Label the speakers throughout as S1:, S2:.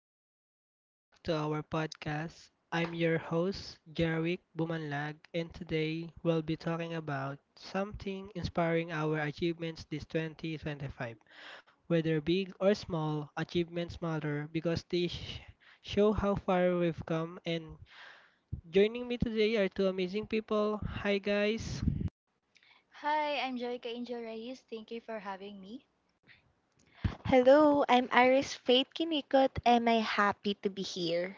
S1: evening. Welcome back to our podcast. I'm your host, Jerwick Bumanlag, and today we'll be talking about something inspiring our achievements this 2025. Whether big or small, achievements matter because show how far we've come. And joining me today are two amazing people. Hi, guys.
S2: Hi, I'm Joyka Angel Reyes. Thank you for having me.
S3: Hello, I'm Iris Faith Kinikot and I'm happy to be here.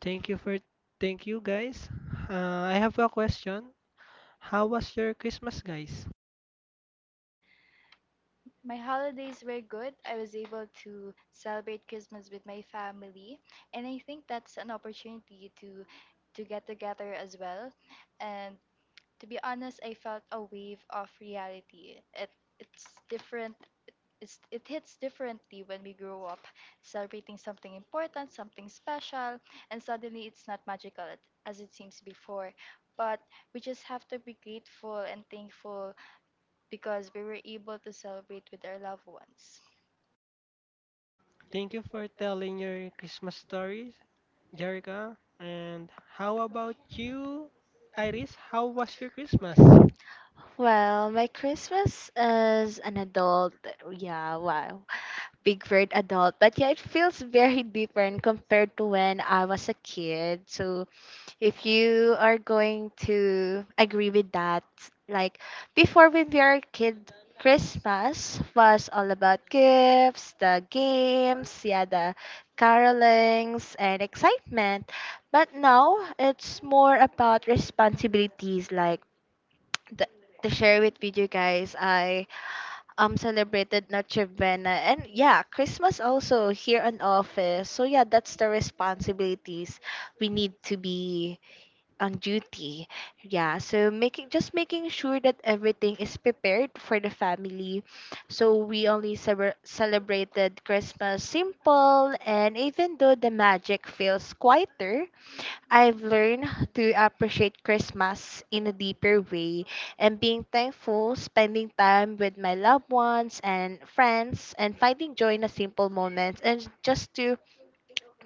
S1: Thank you for thank you, guys. I have a question. How was your Christmas, guys?
S2: My holidays were good. I was able to celebrate Christmas with my family, and I think that's an opportunity to get together as well. And to be honest, I felt a wave of reality. It's different it hits differently when we grow up celebrating something important, something special, and suddenly it's not magical as it seems before. But we just have to be grateful and thankful because we were able to celebrate with our loved ones.
S1: Thank you for telling your Christmas stories, Jerica. And how about you, Iris? How was your Christmas?
S3: Well, my Christmas as an adult, yeah, wow. Big word adult, but yeah, it feels very different compared to when I was a kid. So if you are going to agree with that, like, before when we were a kid, Christmas was all about gifts, the games, yeah, the carolings and excitement. But now it's more about responsibilities, like, the, to share with you guys, I celebrated Noche Buena and, yeah, Christmas also here in office. So yeah, that's the responsibilities. We need to be on duty. Yeah, so making, just making sure that everything is prepared for the family. So we only celebrated Christmas simple, and even though the magic feels quieter, I've learned to appreciate Christmas in a deeper way and being thankful, spending time with my loved ones and friends, and finding joy in the simple moments. And just to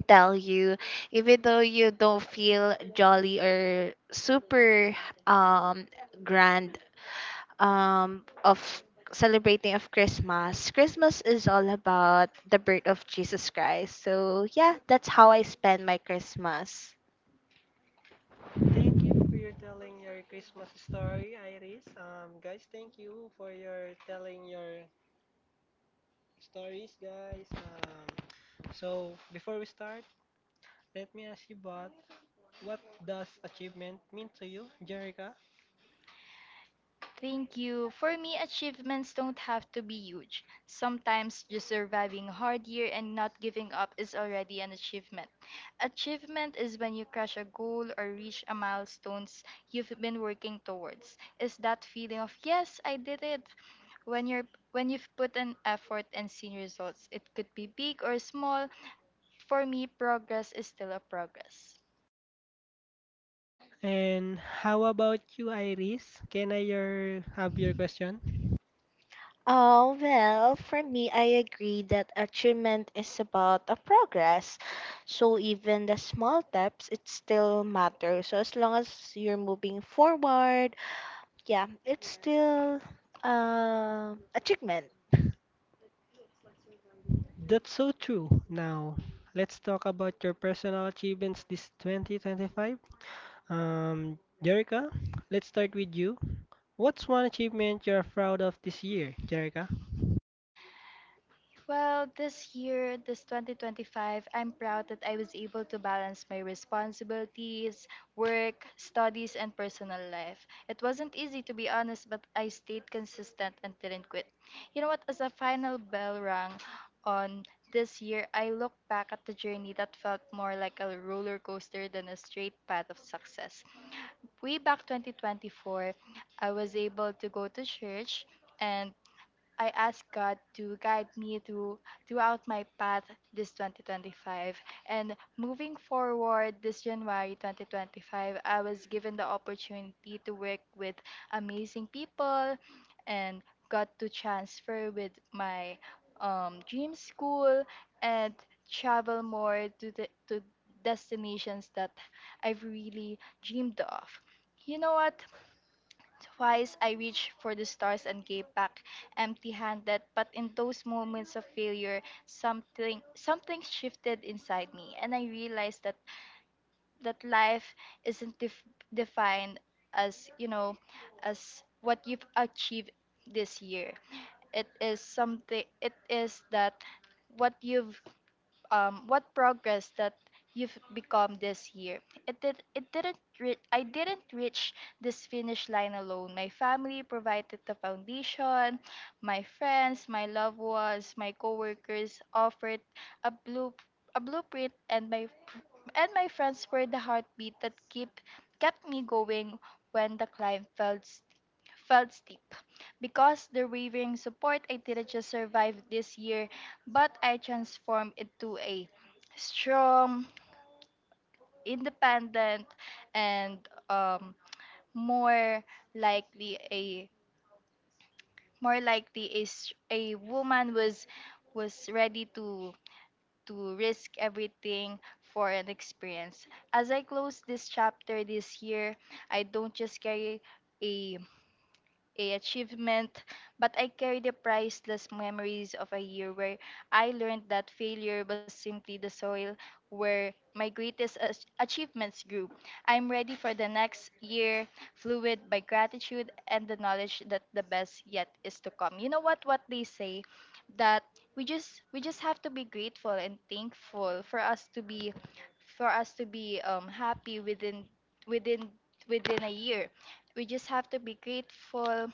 S3: tell you, even though you don't feel jolly or super um, grand of celebrating of Christmas, Christmas is all about the birth of Jesus Christ. So yeah, that's how I spend my Christmas.
S1: Thank you for your telling your Christmas story, Iris. Guys, thank you for your telling your stories, guys. So before we start, let me ask you both, what does achievement mean to you, Jerica?
S2: Thank you. For me, achievements don't have to be huge. Sometimes just surviving a hard year and not giving up is already an achievement. Achievement is when you crush a goal or reach a milestones you've been working towards. Is that feeling of yes, I did it. When you've put an effort and seen results, it could be big or small. For me, progress is still a progress.
S1: And how about you, Iris? Can I your have your question?
S3: Oh, well, for me, I agree that achievement is about a progress. So even the small steps, it still matters. So as long as you're moving forward, yeah, it's still achievement.
S1: That's so true. Now, let's talk about your personal achievements this 2025. Um, Jerica, let's start with you. What's one achievement you're proud of this year, Jerica?
S2: Well, this year, this 2025, I'm proud that I was able to balance my responsibilities, work, studies, and personal life. It wasn't easy, to be honest, but I stayed consistent and didn't quit. You know what? As a final bell rang on this year, I look back at the journey that felt more like a roller coaster than a straight path of success. Way back 2024, I was able to go to church and I ask God to guide me throughout my path this 2025. And moving forward this January 2025, I was given the opportunity to work with amazing people and got to transfer with my dream school and travel more to destinations that I've really dreamed of. You know what? Twice I reached for the stars and gave back empty handed, but in those moments of failure, something shifted inside me and I realized that life isn't def- defined as, you know, as what you've achieved this year. It is something it is that what you've what progress that you've become this year. It didn't I didn't reach this finish line alone. My family provided the foundation, my friends, my loved ones, my coworkers offered a blue a blueprint and my friends were the heartbeat that keep kept me going when the climb felt steep because the wavering support I didn't just survive this year but I transformed into a strong, independent, and um, more likely a more likely is a woman was ready to risk everything for an experience. As I close this chapter this year, I don't just carry a a achievement, but I carry the priceless memories of a year where I learned that failure was simply the soil where my greatest achievements grew. I'm ready for the next year, fluid by gratitude and the knowledge that the best yet is to come. You know what they say that we just have to be grateful and thankful for us to be happy within within a year we just have to be grateful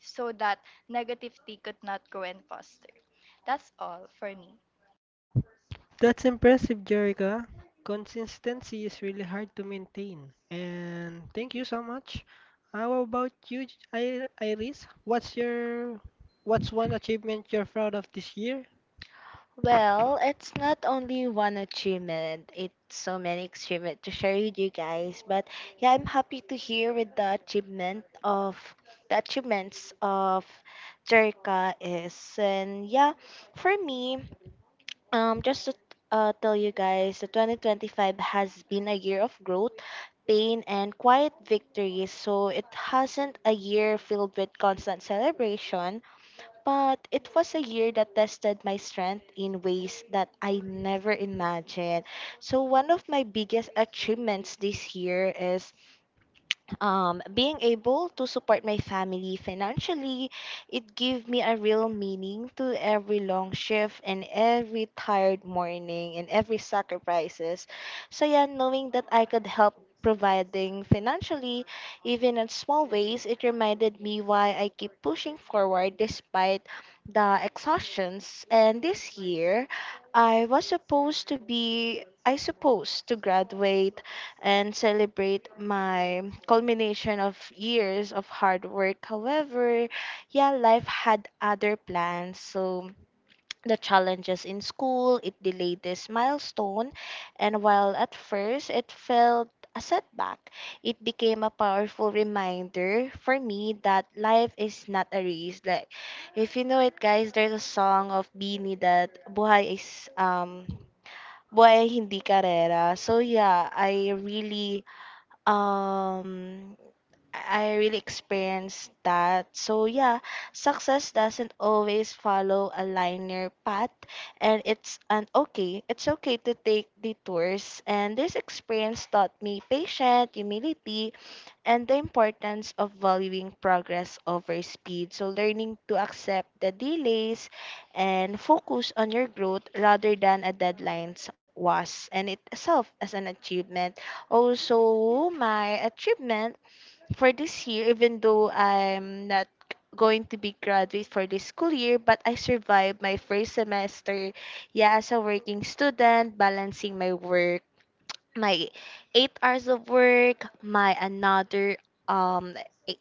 S2: so that negativity could not grow and foster. That's all for me.
S1: That's impressive, Jerica. Consistency is really hard to maintain. And thank you so much. How about you, Iris? What's one achievement you're proud of this year?
S3: Well, it's not only one achievement, it's so many achievements to share with you guys. But yeah, I'm happy to hear with the achievements of Jerka is. And yeah, for me, just to tell you guys that 2025 has been a year of growth, pain, and quiet victories, so it hasn't a year filled with constant celebration, but it was a year that tested my strength in ways that I never imagined. So, one of my biggest achievements this year is, being able to support my family financially. It gave me a real meaning to every long shift and every tired morning and every sacrifices. So yeah, knowing that I could help providing financially, even in small ways, it reminded me why I keep pushing forward despite the exhaustions. And this year, I supposed to graduate and celebrate my culmination of years of hard work. However, yeah, life had other plans. So the challenges in school, it delayed this milestone. And while at first it felt a setback, it became a powerful reminder for me that life is not a race. Like, if you know it, guys, there's a song of Beanie that buhay is buhay ay hindi karera. So yeah, I really um experienced that. So yeah, success doesn't always follow a linear path and it's an okay. It's okay to take detours, and this experience taught me patience, humility, and the importance of valuing progress over speed. So learning to accept the delays and focus on your growth rather than a deadlines was and itself as an achievement. Also, my achievement for this year, even though I'm not going to be graduate for this school year, but I survived my first semester, yeah, as a working student, balancing my work, my 8 hours of work, my another um eight-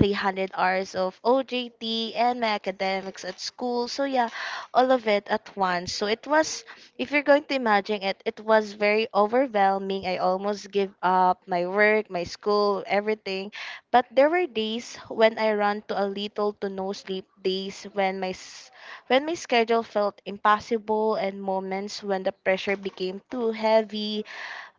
S3: 300 hours of OJT and my academics at school. So yeah, all of it at once. So it was, if you're going to imagine it, it was very overwhelming. I almost give up my work, my school, everything. But there were days when I ran to a little to no sleep, days when when my schedule felt impossible and moments when the pressure became too heavy,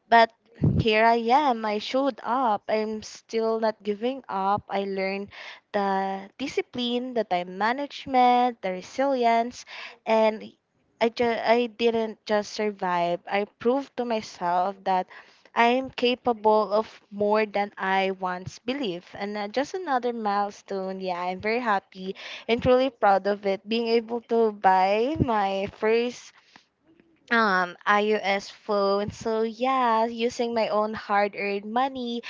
S3: but here I am. I showed up. I'm still not giving up. I learned the discipline, the time management, the resilience, and I didn't just survive. I proved to myself that I'm capable of more than I once believed. And just another milestone. Yeah, I'm very happy and truly proud of it. Being able to buy my first iOS phone. So yeah, using my own hard-earned money,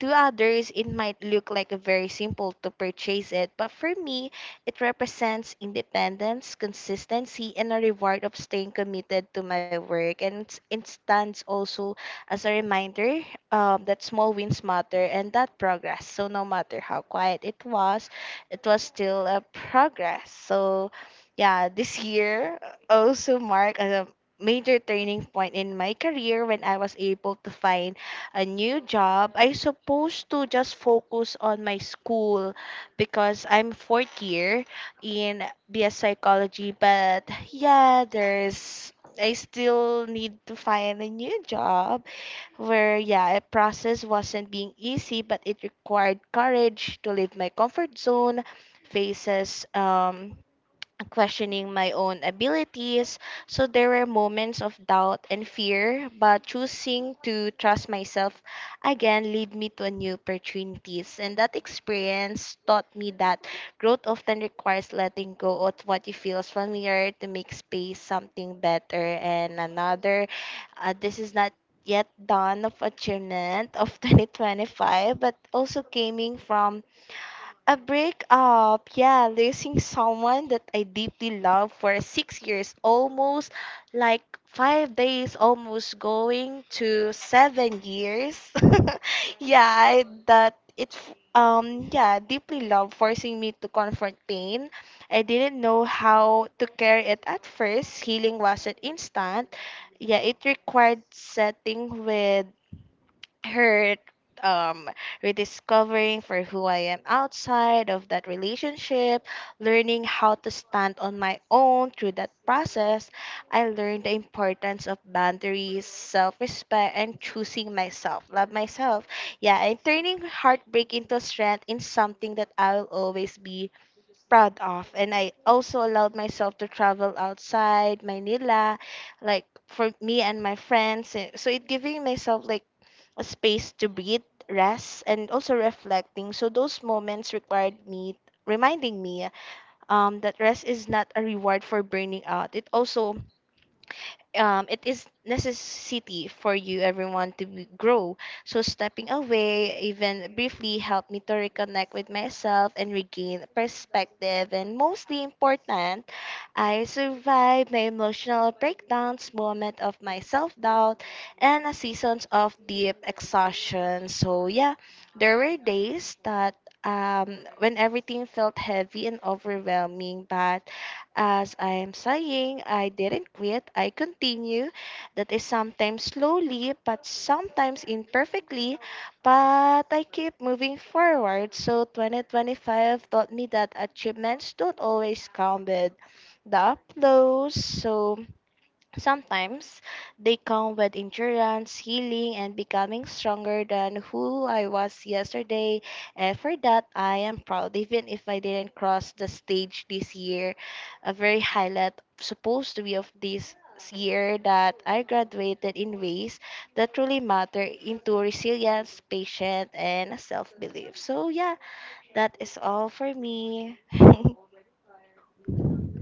S3: to others it might look like a very simple to purchase it, but for me it represents independence, consistency and a reward of staying committed to my work, and it stands also as a reminder, that small wins matter and that progress. So no matter how quiet it was still a progress. So yeah, this year also marked a major turning point in my career when I was able to find a new job. I supposed to just focus on my school because I'm fourth year in BS psychology, but yeah, there's I still need to find a new job where, yeah, the process wasn't being easy, but it required courage to leave my comfort zone, faces questioning my own abilities. So there were moments of doubt and fear, but choosing to trust myself again led me to new opportunities. And that experience taught me that growth often requires letting go of what you feels familiar to make space something better. And another. This is not yet done of achievement of 2025, but also coming from a breakup, yeah, losing someone that I deeply love for 6 years, almost like 5 days, almost going to 7 years. Yeah, yeah, deeply love forcing me to confront pain. I didn't know how to carry it at first. Healing wasn't instant. Yeah, it required setting with hurt, um rediscovering for who I am outside of that relationship, learning how to stand on my own. Through that process, I learned the importance of boundaries, self-respect and choosing myself, love myself. Yeah, and turning heartbreak into strength in something that I will always be proud of. And I also allowed myself to travel outside Manila, like for me and my friends. Eh, so it giving myself like a space to breathe, rest, and also reflecting. So those moments required me reminding me, that rest is not a reward for burning out. It also, it is necessity for you everyone to grow. So stepping away even briefly helped me to reconnect with myself and regain perspective. And mostly important, I survived my emotional breakdowns, moment of my self-doubt, and a seasons of deep exhaustion. So yeah, there were days that, when everything felt heavy and overwhelming, but as I am saying, I didn't quit, I continue. That is sometimes slowly, but sometimes imperfectly, but I keep moving forward. So 2025 taught me that achievements don't always come with the applause. So sometimes they come with endurance, healing, and becoming stronger than who I was yesterday. And for that, I am proud, even if I didn't cross the stage this year. A very highlight, supposed to be of this year, that I graduated in ways that truly matter into resilience, patience, and self belief. So, yeah, that is all for me.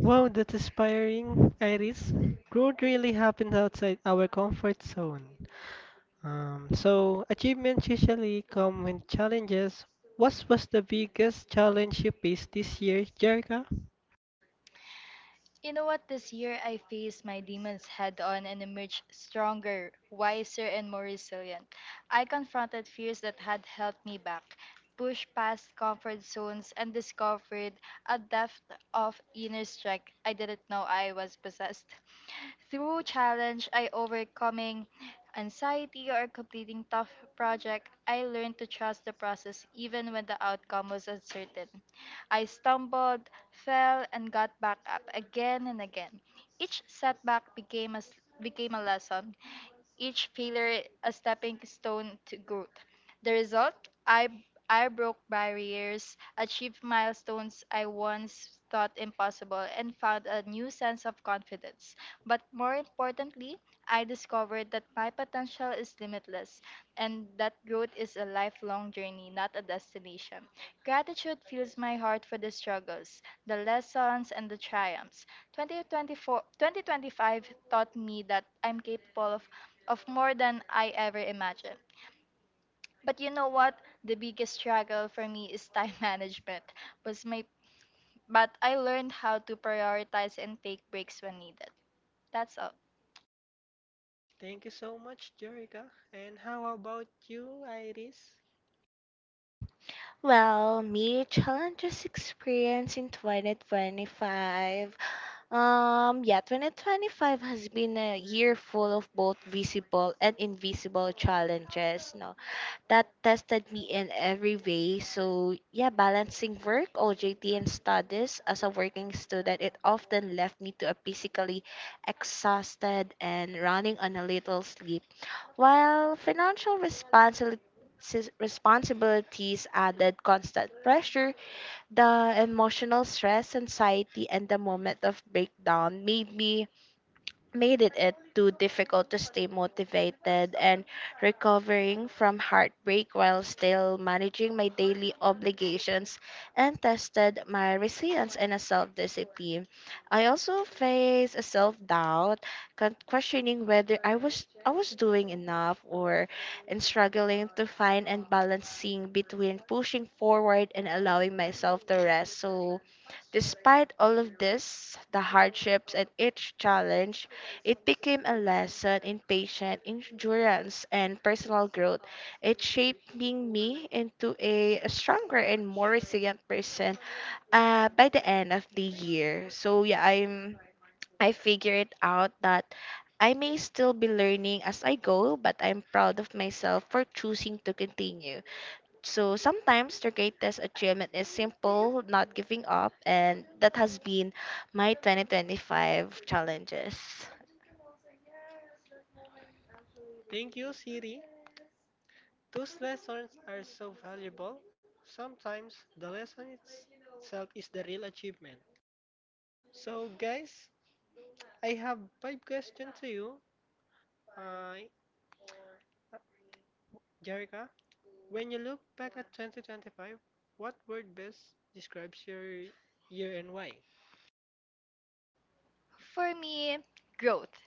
S1: Wow, that's inspiring, Iris. Growth really happens outside our comfort zone. So, achievements usually come with challenges. What was the biggest challenge you faced this year, Jerica?
S2: You know what? This year I faced my demons head on and emerged stronger, wiser, and more resilient. I confronted fears that had held me back, pushed past comfort zones, and discovered a depth of inner strength I didn't know I was possessed. Through challenge, I overcoming anxiety or completing tough project, I learned to trust the process even when the outcome was uncertain. I stumbled, fell, and got back up again and again. Each setback became a lesson each failure a stepping stone to growth. The result? I I broke barriers, achieved milestones I once thought impossible, and found a new sense of confidence. But more importantly, I discovered that my potential is limitless and that growth is a lifelong journey, not a destination. Gratitude fills my heart for the struggles, the lessons, and the triumphs. 2024, 2025 taught me that I'm capable of more than I ever imagined. But you know what? The biggest struggle for me is time management. Was my, but I learned how to prioritize and take breaks when needed. That's all.
S1: Thank you so much, Jerica. And how about you, Iris?
S3: Well, me challenges experience in 2025. Yeah, 2025 has been a year full of both visible and invisible challenges, no, that tested me in every way. So, yeah, balancing work, OJT, and studies as a working student, it often left me to a physically exhausted and running on a little sleep. While responsibilities added constant pressure, the emotional stress, anxiety, and the moment of breakdown made me made it, it too difficult to stay motivated. And recovering from heartbreak while still managing my daily obligations and tested my resilience and a self-discipline. I also faced a self-doubt, questioning whether I was doing enough or and struggling to find and balancing between pushing forward and allowing myself to rest. So, despite all of this, the hardships and each challenge, it became a lesson in patience, endurance, and personal growth. It shaping me into a stronger and more resilient person by the end of the year. So, yeah, I'm I figured out that I may still be learning as I go, but I'm proud of myself for choosing to continue. So sometimes the greatest achievement is simple, not giving up, and that has been my 2025 challenges.
S1: Thank you, Siri. Those lessons are so valuable. Sometimes itself is the real achievement. So, guys, I have five questions to you. Uh, Jerica, when you look back at 2025, what word best describes your year and why?
S2: For me, growth.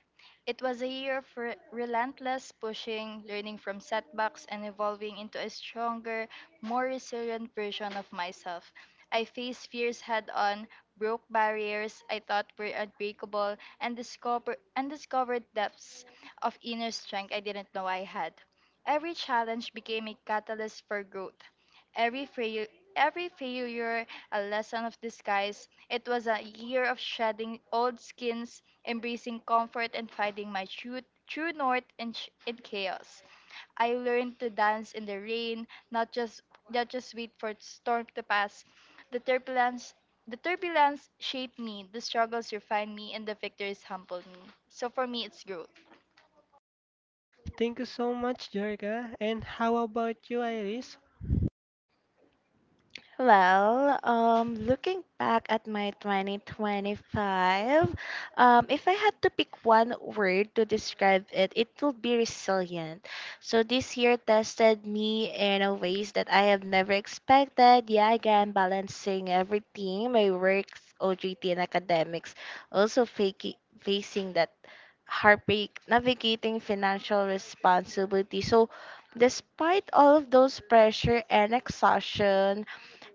S2: It was a year of relentless pushing, learning from setbacks, and evolving into a stronger, more resilient version of myself. I faced fears head on, broke barriers I thought were unbreakable, and, discovered depths of inner strength I didn't know I had. Every challenge became a catalyst for growth. Every, fail- every failure a lesson of disguise. It was a year of shedding old skins, embracing comfort, and finding my true north in chaos. I learned to dance in the rain, not just wait for the storm to pass. The turbulence the turbulence shaped me, the struggles refined me, and the victories humbled me. So for me, it's growth.
S1: Thank you so much, Jerica. And how about you, Iris?
S3: Well, looking back at my 2025, if I had to pick one word to describe it, it would be resilient. So this year tested me in a ways that I have never expected. Yeah, again, balancing everything, my works, OJT, and academics. Also faking, facing that heartbreak, navigating financial responsibility. So despite all of those pressure and exhaustion,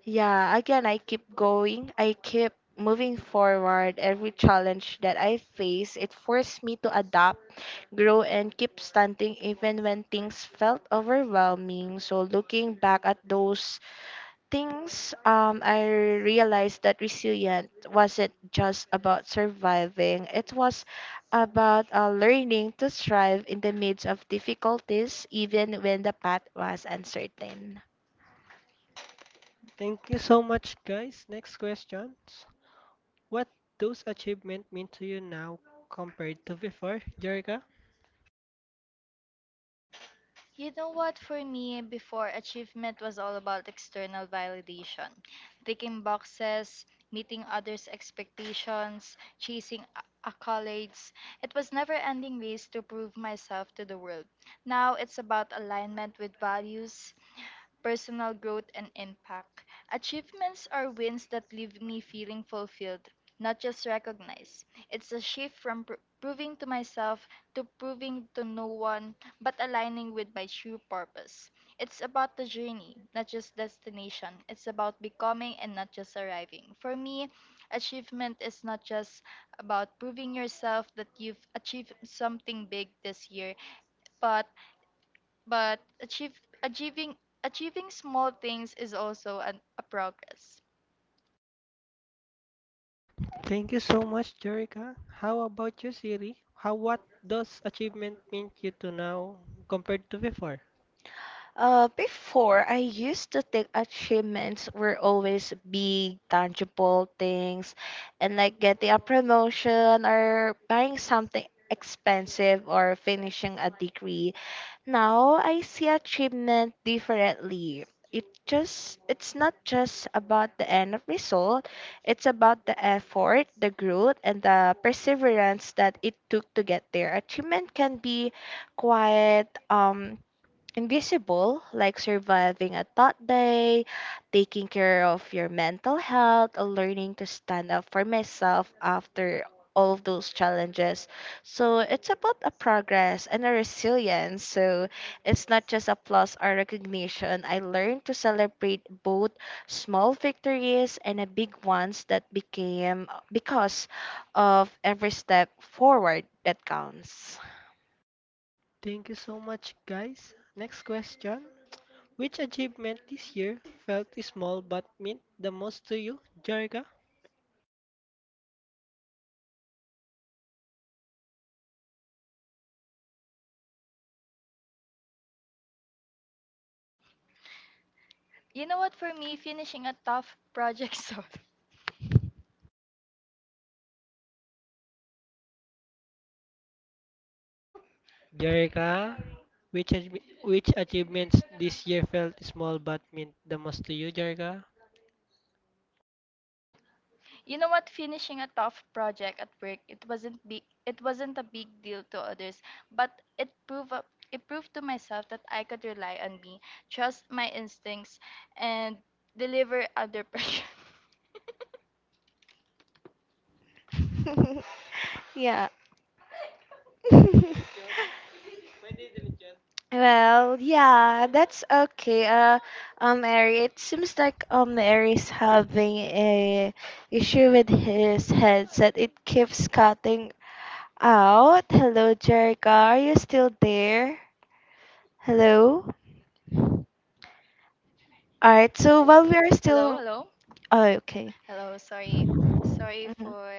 S3: yeah, again, I keep going. I keep moving forward. Every challenge that I face, it forced me to adapt, grow, and keep standing even when things felt overwhelming. So, looking back at those things, I realized that resilient wasn't just about surviving, it was about learning to thrive in the midst of difficulties, even when the path was uncertain.
S1: Thank you so much, guys. Next questions. What those achievements mean to you now compared to before, Jerica?
S2: You know what, for me, before achievement was all about external validation, ticking boxes, meeting others' expectations, chasing accolades. It was never ending race to prove myself to the world. Now it's about alignment with values, personal growth, and impact. Achievements are wins that leave me feeling fulfilled, not just recognized. It's a shift from proving to myself to proving to no one but aligning with my true purpose. It's about the journey, not just destination. It's about becoming and not just arriving. For me, achievement is not just about proving yourself that you've achieved something big this year, but but achieve, achieving achieving small things is also a progress.
S1: Thank you so much, Jerica. How about you, Siri? How what does achievement mean you to now compared to before?
S3: Before, I used to think achievements were always big, tangible things, and like getting a promotion or buying something expensive or finishing a degree. Now I see achievement differently. It's not just about the end of result, it's about the effort, the growth, and the perseverance that it took to get there. Achievement can be quite invisible, like surviving a thought day, taking care of your mental health, or learning to stand up for myself after all of those challenges. So it's about a progress and a resilience. So it's not just applause or recognition. I learned to celebrate both small victories and a big ones that became because of every step forward that counts.
S1: Thank you so much, guys. Next question. Which achievement this year felt small but meant the most to you, Jerica?
S2: You know what? For me, finishing a tough project. So
S1: Jerica, which achievements this year felt small but meant the most to you, Jerica?
S2: you know what? Finishing a tough project at work, it wasn't big. It wasn't a big deal to others, but it proved up. It proved to myself that I could rely on me, trust my instincts, and deliver under pressure.
S3: Yeah. Well, yeah, that's okay. Ari, it seems like Ari's having a issue with his headset. It keeps cutting out. Hello, Jerica, are you still there? Hello. All right. So while we are
S2: hello,
S3: still,
S2: hello,
S3: oh, okay.
S2: Hello. Sorry
S3: Mhm.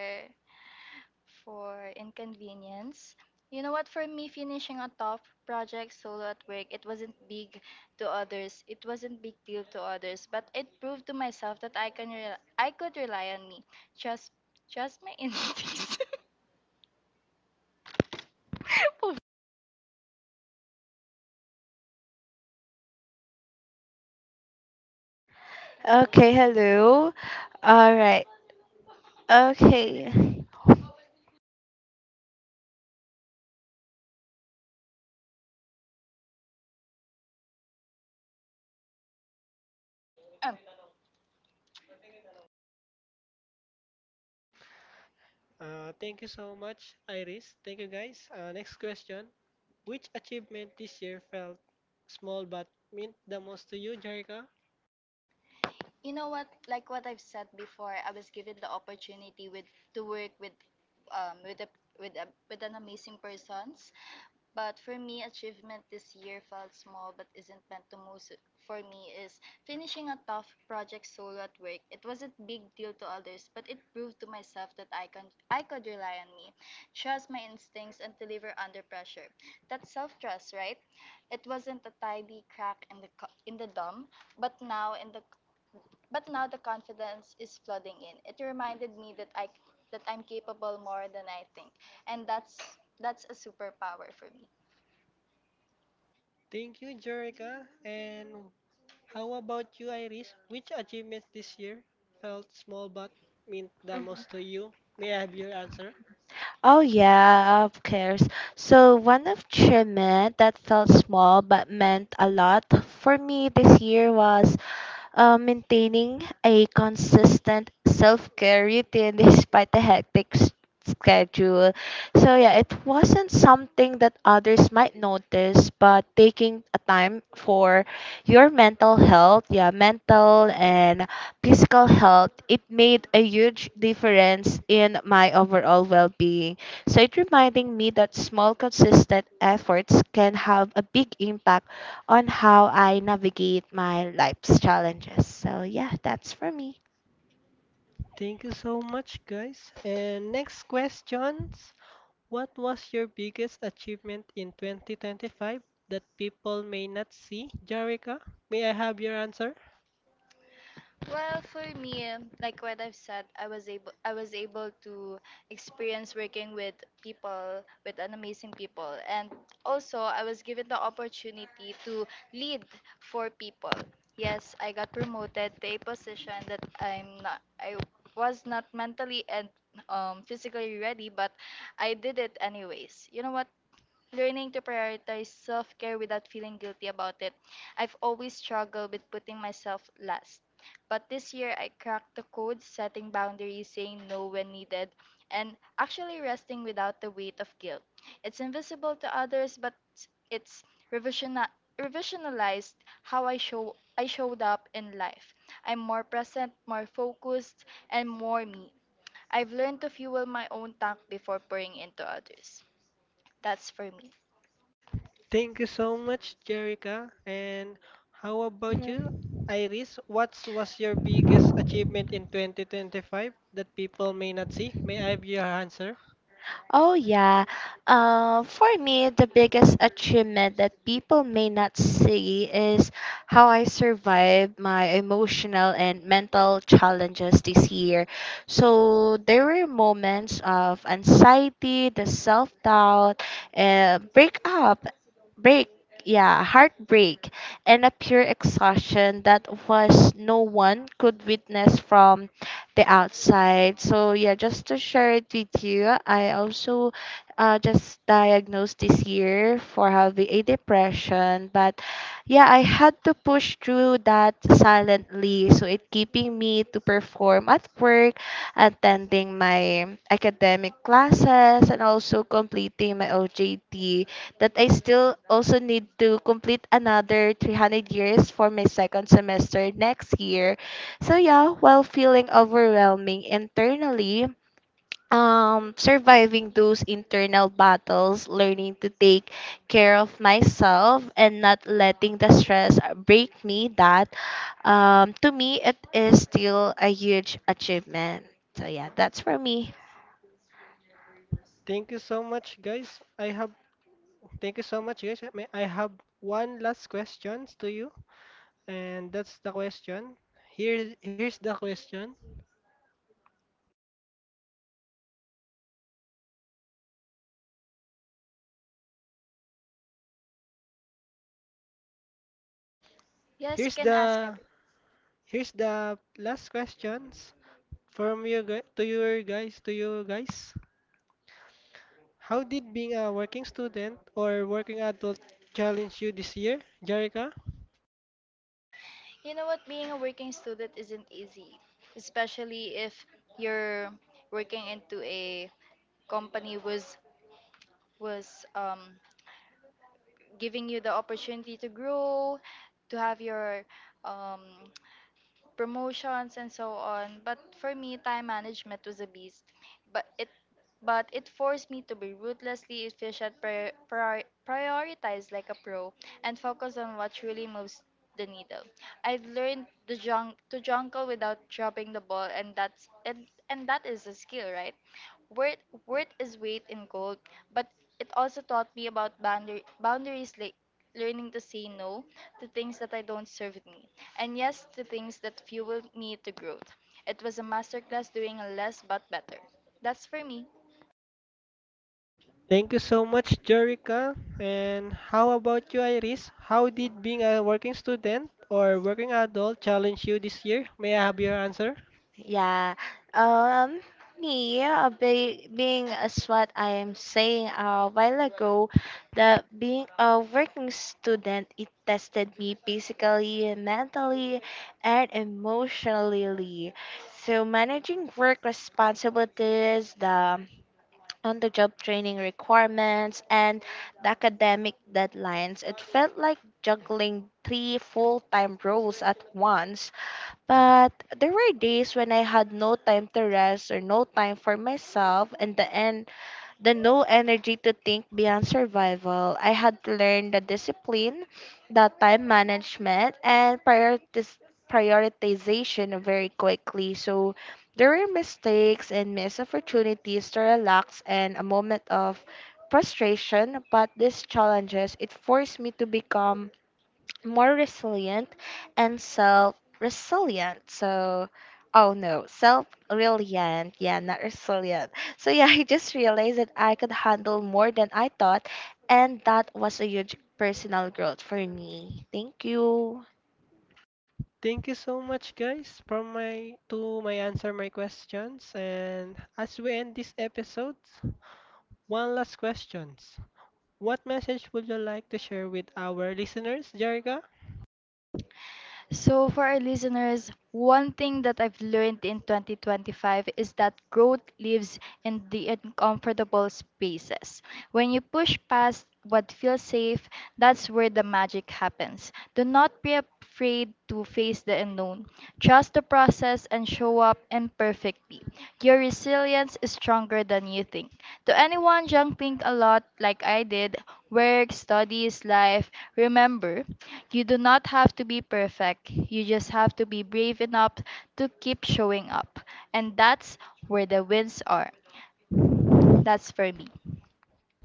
S2: for inconvenience. You know what, for me, finishing a tough project solo at work, it wasn't big to others. It wasn't big deal to others, but it proved to myself that I could rely on me. Trust, Trust my instincts.
S3: Okay. Hello. All right. Okay.
S2: Um,
S1: Thank you so much, Iris. Thank you, guys. Next question. Which achievement this year felt small but meant the most to you, Jerica?
S2: you know what? Like what I've said before, I was given the opportunity with to work with a with a with an amazing persons. But for me, achievement this year felt small but isn't meant to most for me is finishing a tough project solo at work. It wasn't big deal to others, but it proved to myself that I could rely on me, trust my instincts and deliver under pressure. That's self-trust, right? It wasn't a tidy crack in the dome, but now in the but now the confidence is flooding in. It reminded me that I'm capable more than I think, and that's a superpower for me.
S1: Thank you, Jerica. And how about you, Iris? Which achievements this year felt small but meant the
S3: Mhm.
S1: most to you? May I have your answer?
S3: Oh yeah, of course. So one of achievement that felt small but meant a lot for me this year was maintaining a consistent self-care routine despite the hectic schedule. So yeah, it wasn't something that others might notice, but taking a time for your mental health, yeah, mental and physical health, it made a huge difference in my overall well-being. So it reminding me that small consistent efforts can have a big impact on how I navigate my life's challenges. So yeah, that's for me.
S1: Thank you so much, guys. And next questions. What was your biggest achievement in 2025 that people may not see? Jerica, may I have your answer?
S2: Well, for me, like what I've said, I was able to experience working with people, with an amazing people, and also I was given the opportunity to lead for people. Yes, I got promoted to a position that I was not mentally and physically ready, but I did it anyways. You know what? Learning to prioritize self care without feeling guilty about it. I've always struggled with putting myself last. But this year, I cracked the code, setting boundaries, saying no when needed, and actually resting without the weight of guilt. It's invisible to others, but it's revisioni- revisionalized how I showed up in life. I'm more present, more focused, and more me. I've learned to fuel my own tank before pouring into others. That's for me.
S1: Thank you so much, Jerica. And how about you,
S3: Hmm.
S1: Iris? What was your biggest achievement in 2025 that people may not see? May I have your answer?
S3: Oh yeah. For me, the biggest achievement that people may not see is how I survived my emotional and mental challenges this year. So there were moments of anxiety, the self doubt, uh, breakup, break, yeah, heartbreak, and a pure exhaustion that was no one could witness from the outside. So yeah, just to share it with you, I also just diagnosed this year for having a depression. But yeah, I had to push through that silently. So it keeping me to perform at work, attending my academic classes, and also completing my OJT that I still also need to complete another 300 years for my second semester next year. So yeah, while feeling overwhelming internally, surviving those internal battles, learning to take care of myself and not letting the stress break me, that to me, it is still a huge achievement. So, yeah, that's for me.
S1: Thank you so much, guys. I have thank you so much, guys. May I have one last question to you? And that's the question. Here's the question.
S2: Yes, you
S1: Here's
S2: can ask
S1: the
S2: everything.
S1: here's the last questions from you gu- to your guys to you guys. How did being a working student or working adult challenge you this year, Jerica?
S2: You know what? Being a working student isn't easy, especially if you're working into a company was giving you the opportunity to grow, to have your um, promotions and so on. But for me, time management was a beast. But it but it forced me to be ruthlessly efficient, prioritize like a pro, and focus on what truly moves the needle. I've learned to jungle without dropping the ball, and and that is a skill, right? Worth is weight in gold, but it also taught me about boundaries like, learning to say no to things that I don't serve me, and yes to things that fuel me to growth. It was a masterclass doing less but better. That's for me.
S1: Thank you so much, Jerica. And how about you, Iris? How did being a working student or working adult challenge you this year? May I have your answer?
S3: Yeah. Um, being as what I am saying a while ago, that being a working student, it tested me physically, mentally, and emotionally. So managing work responsibilities, the on-the-job training requirements, and the academic deadlines, it felt like juggling three full-time roles at once, but there were days when I had no time to rest or no time for myself and the end the no energy to think beyond survival. I had to learn the discipline, the time management and prioritization very quickly. So there were mistakes and missed opportunities to relax and a moment of frustration, but these challenges it forced me to become more resilient and self resilient. So, oh no, self reliant. Yeah, not resilient. So, yeah, I just realized that I could handle more than I thought, and that was a huge personal growth for me. Thank you.
S1: Thank you so much, guys, for my answer my questions. And as we end this episode, one last questions. What message would you like to share with our listeners, Jerica?
S2: So, for our listeners, one thing that I've learned in 2025 is that growth lives in the uncomfortable spaces. When you push past what feels safe, that's where the magic happens. Do not be afraid to face the unknown. Trust the process and show up imperfectly. Your resilience is stronger than you think. To anyone young, think a lot like I did, work, studies, life, remember, you do not have to be perfect. You just have to be brave enough to keep showing up. And that's where the wins are. That's for me.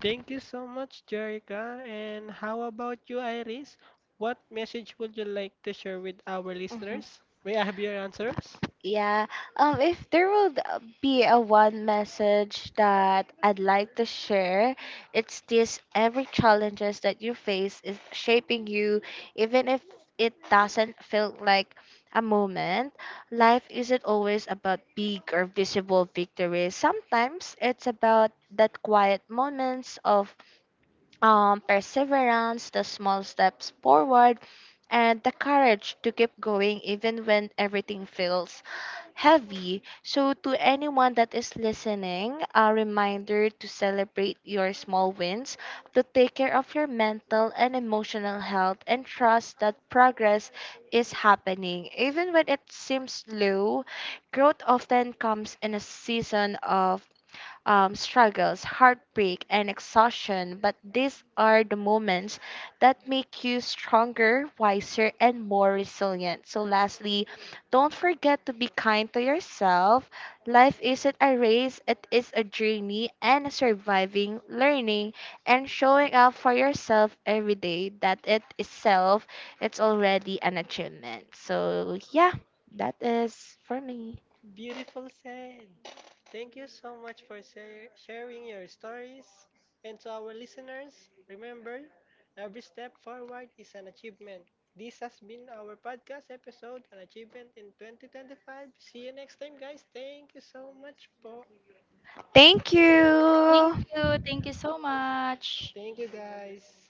S1: Thank you so much, Jerica. And how about you, Iris? What message would you like to share with our
S3: Mm-hmm.
S1: listeners? May I have your answers?
S3: Yeah. If there would be a one message that I'd like to share, it's this every challenges that you face is shaping you, even if it doesn't feel like a moment. Life isn't always about big or visible victories. Sometimes it's about that quiet moments of perseverance, the small steps forward, and the courage to keep going even when everything feels heavy. So, to anyone that is listening, a reminder to celebrate your small wins, to take care of your mental and emotional health, and trust that progress is happening. Even when it seems slow, growth often comes in a season of struggles, heartbreak, and exhaustion, but these are the moments that make you stronger, wiser, and more resilient. So, lastly, don't forget to be kind to yourself. Life isn't a race, it is a journey and surviving, learning, and showing up for yourself every day. That it itself, it's already an achievement. So, yeah, that is for me.
S1: Beautiful said. Thank you so much for sharing your stories. And to our listeners, remember, every step forward is an achievement. This has been our podcast episode on achievement in 2025. See you next time, guys. Thank you so much for.
S3: Thank
S2: Thank
S3: you.
S2: you. Thank you so much.
S1: Thank you, guys.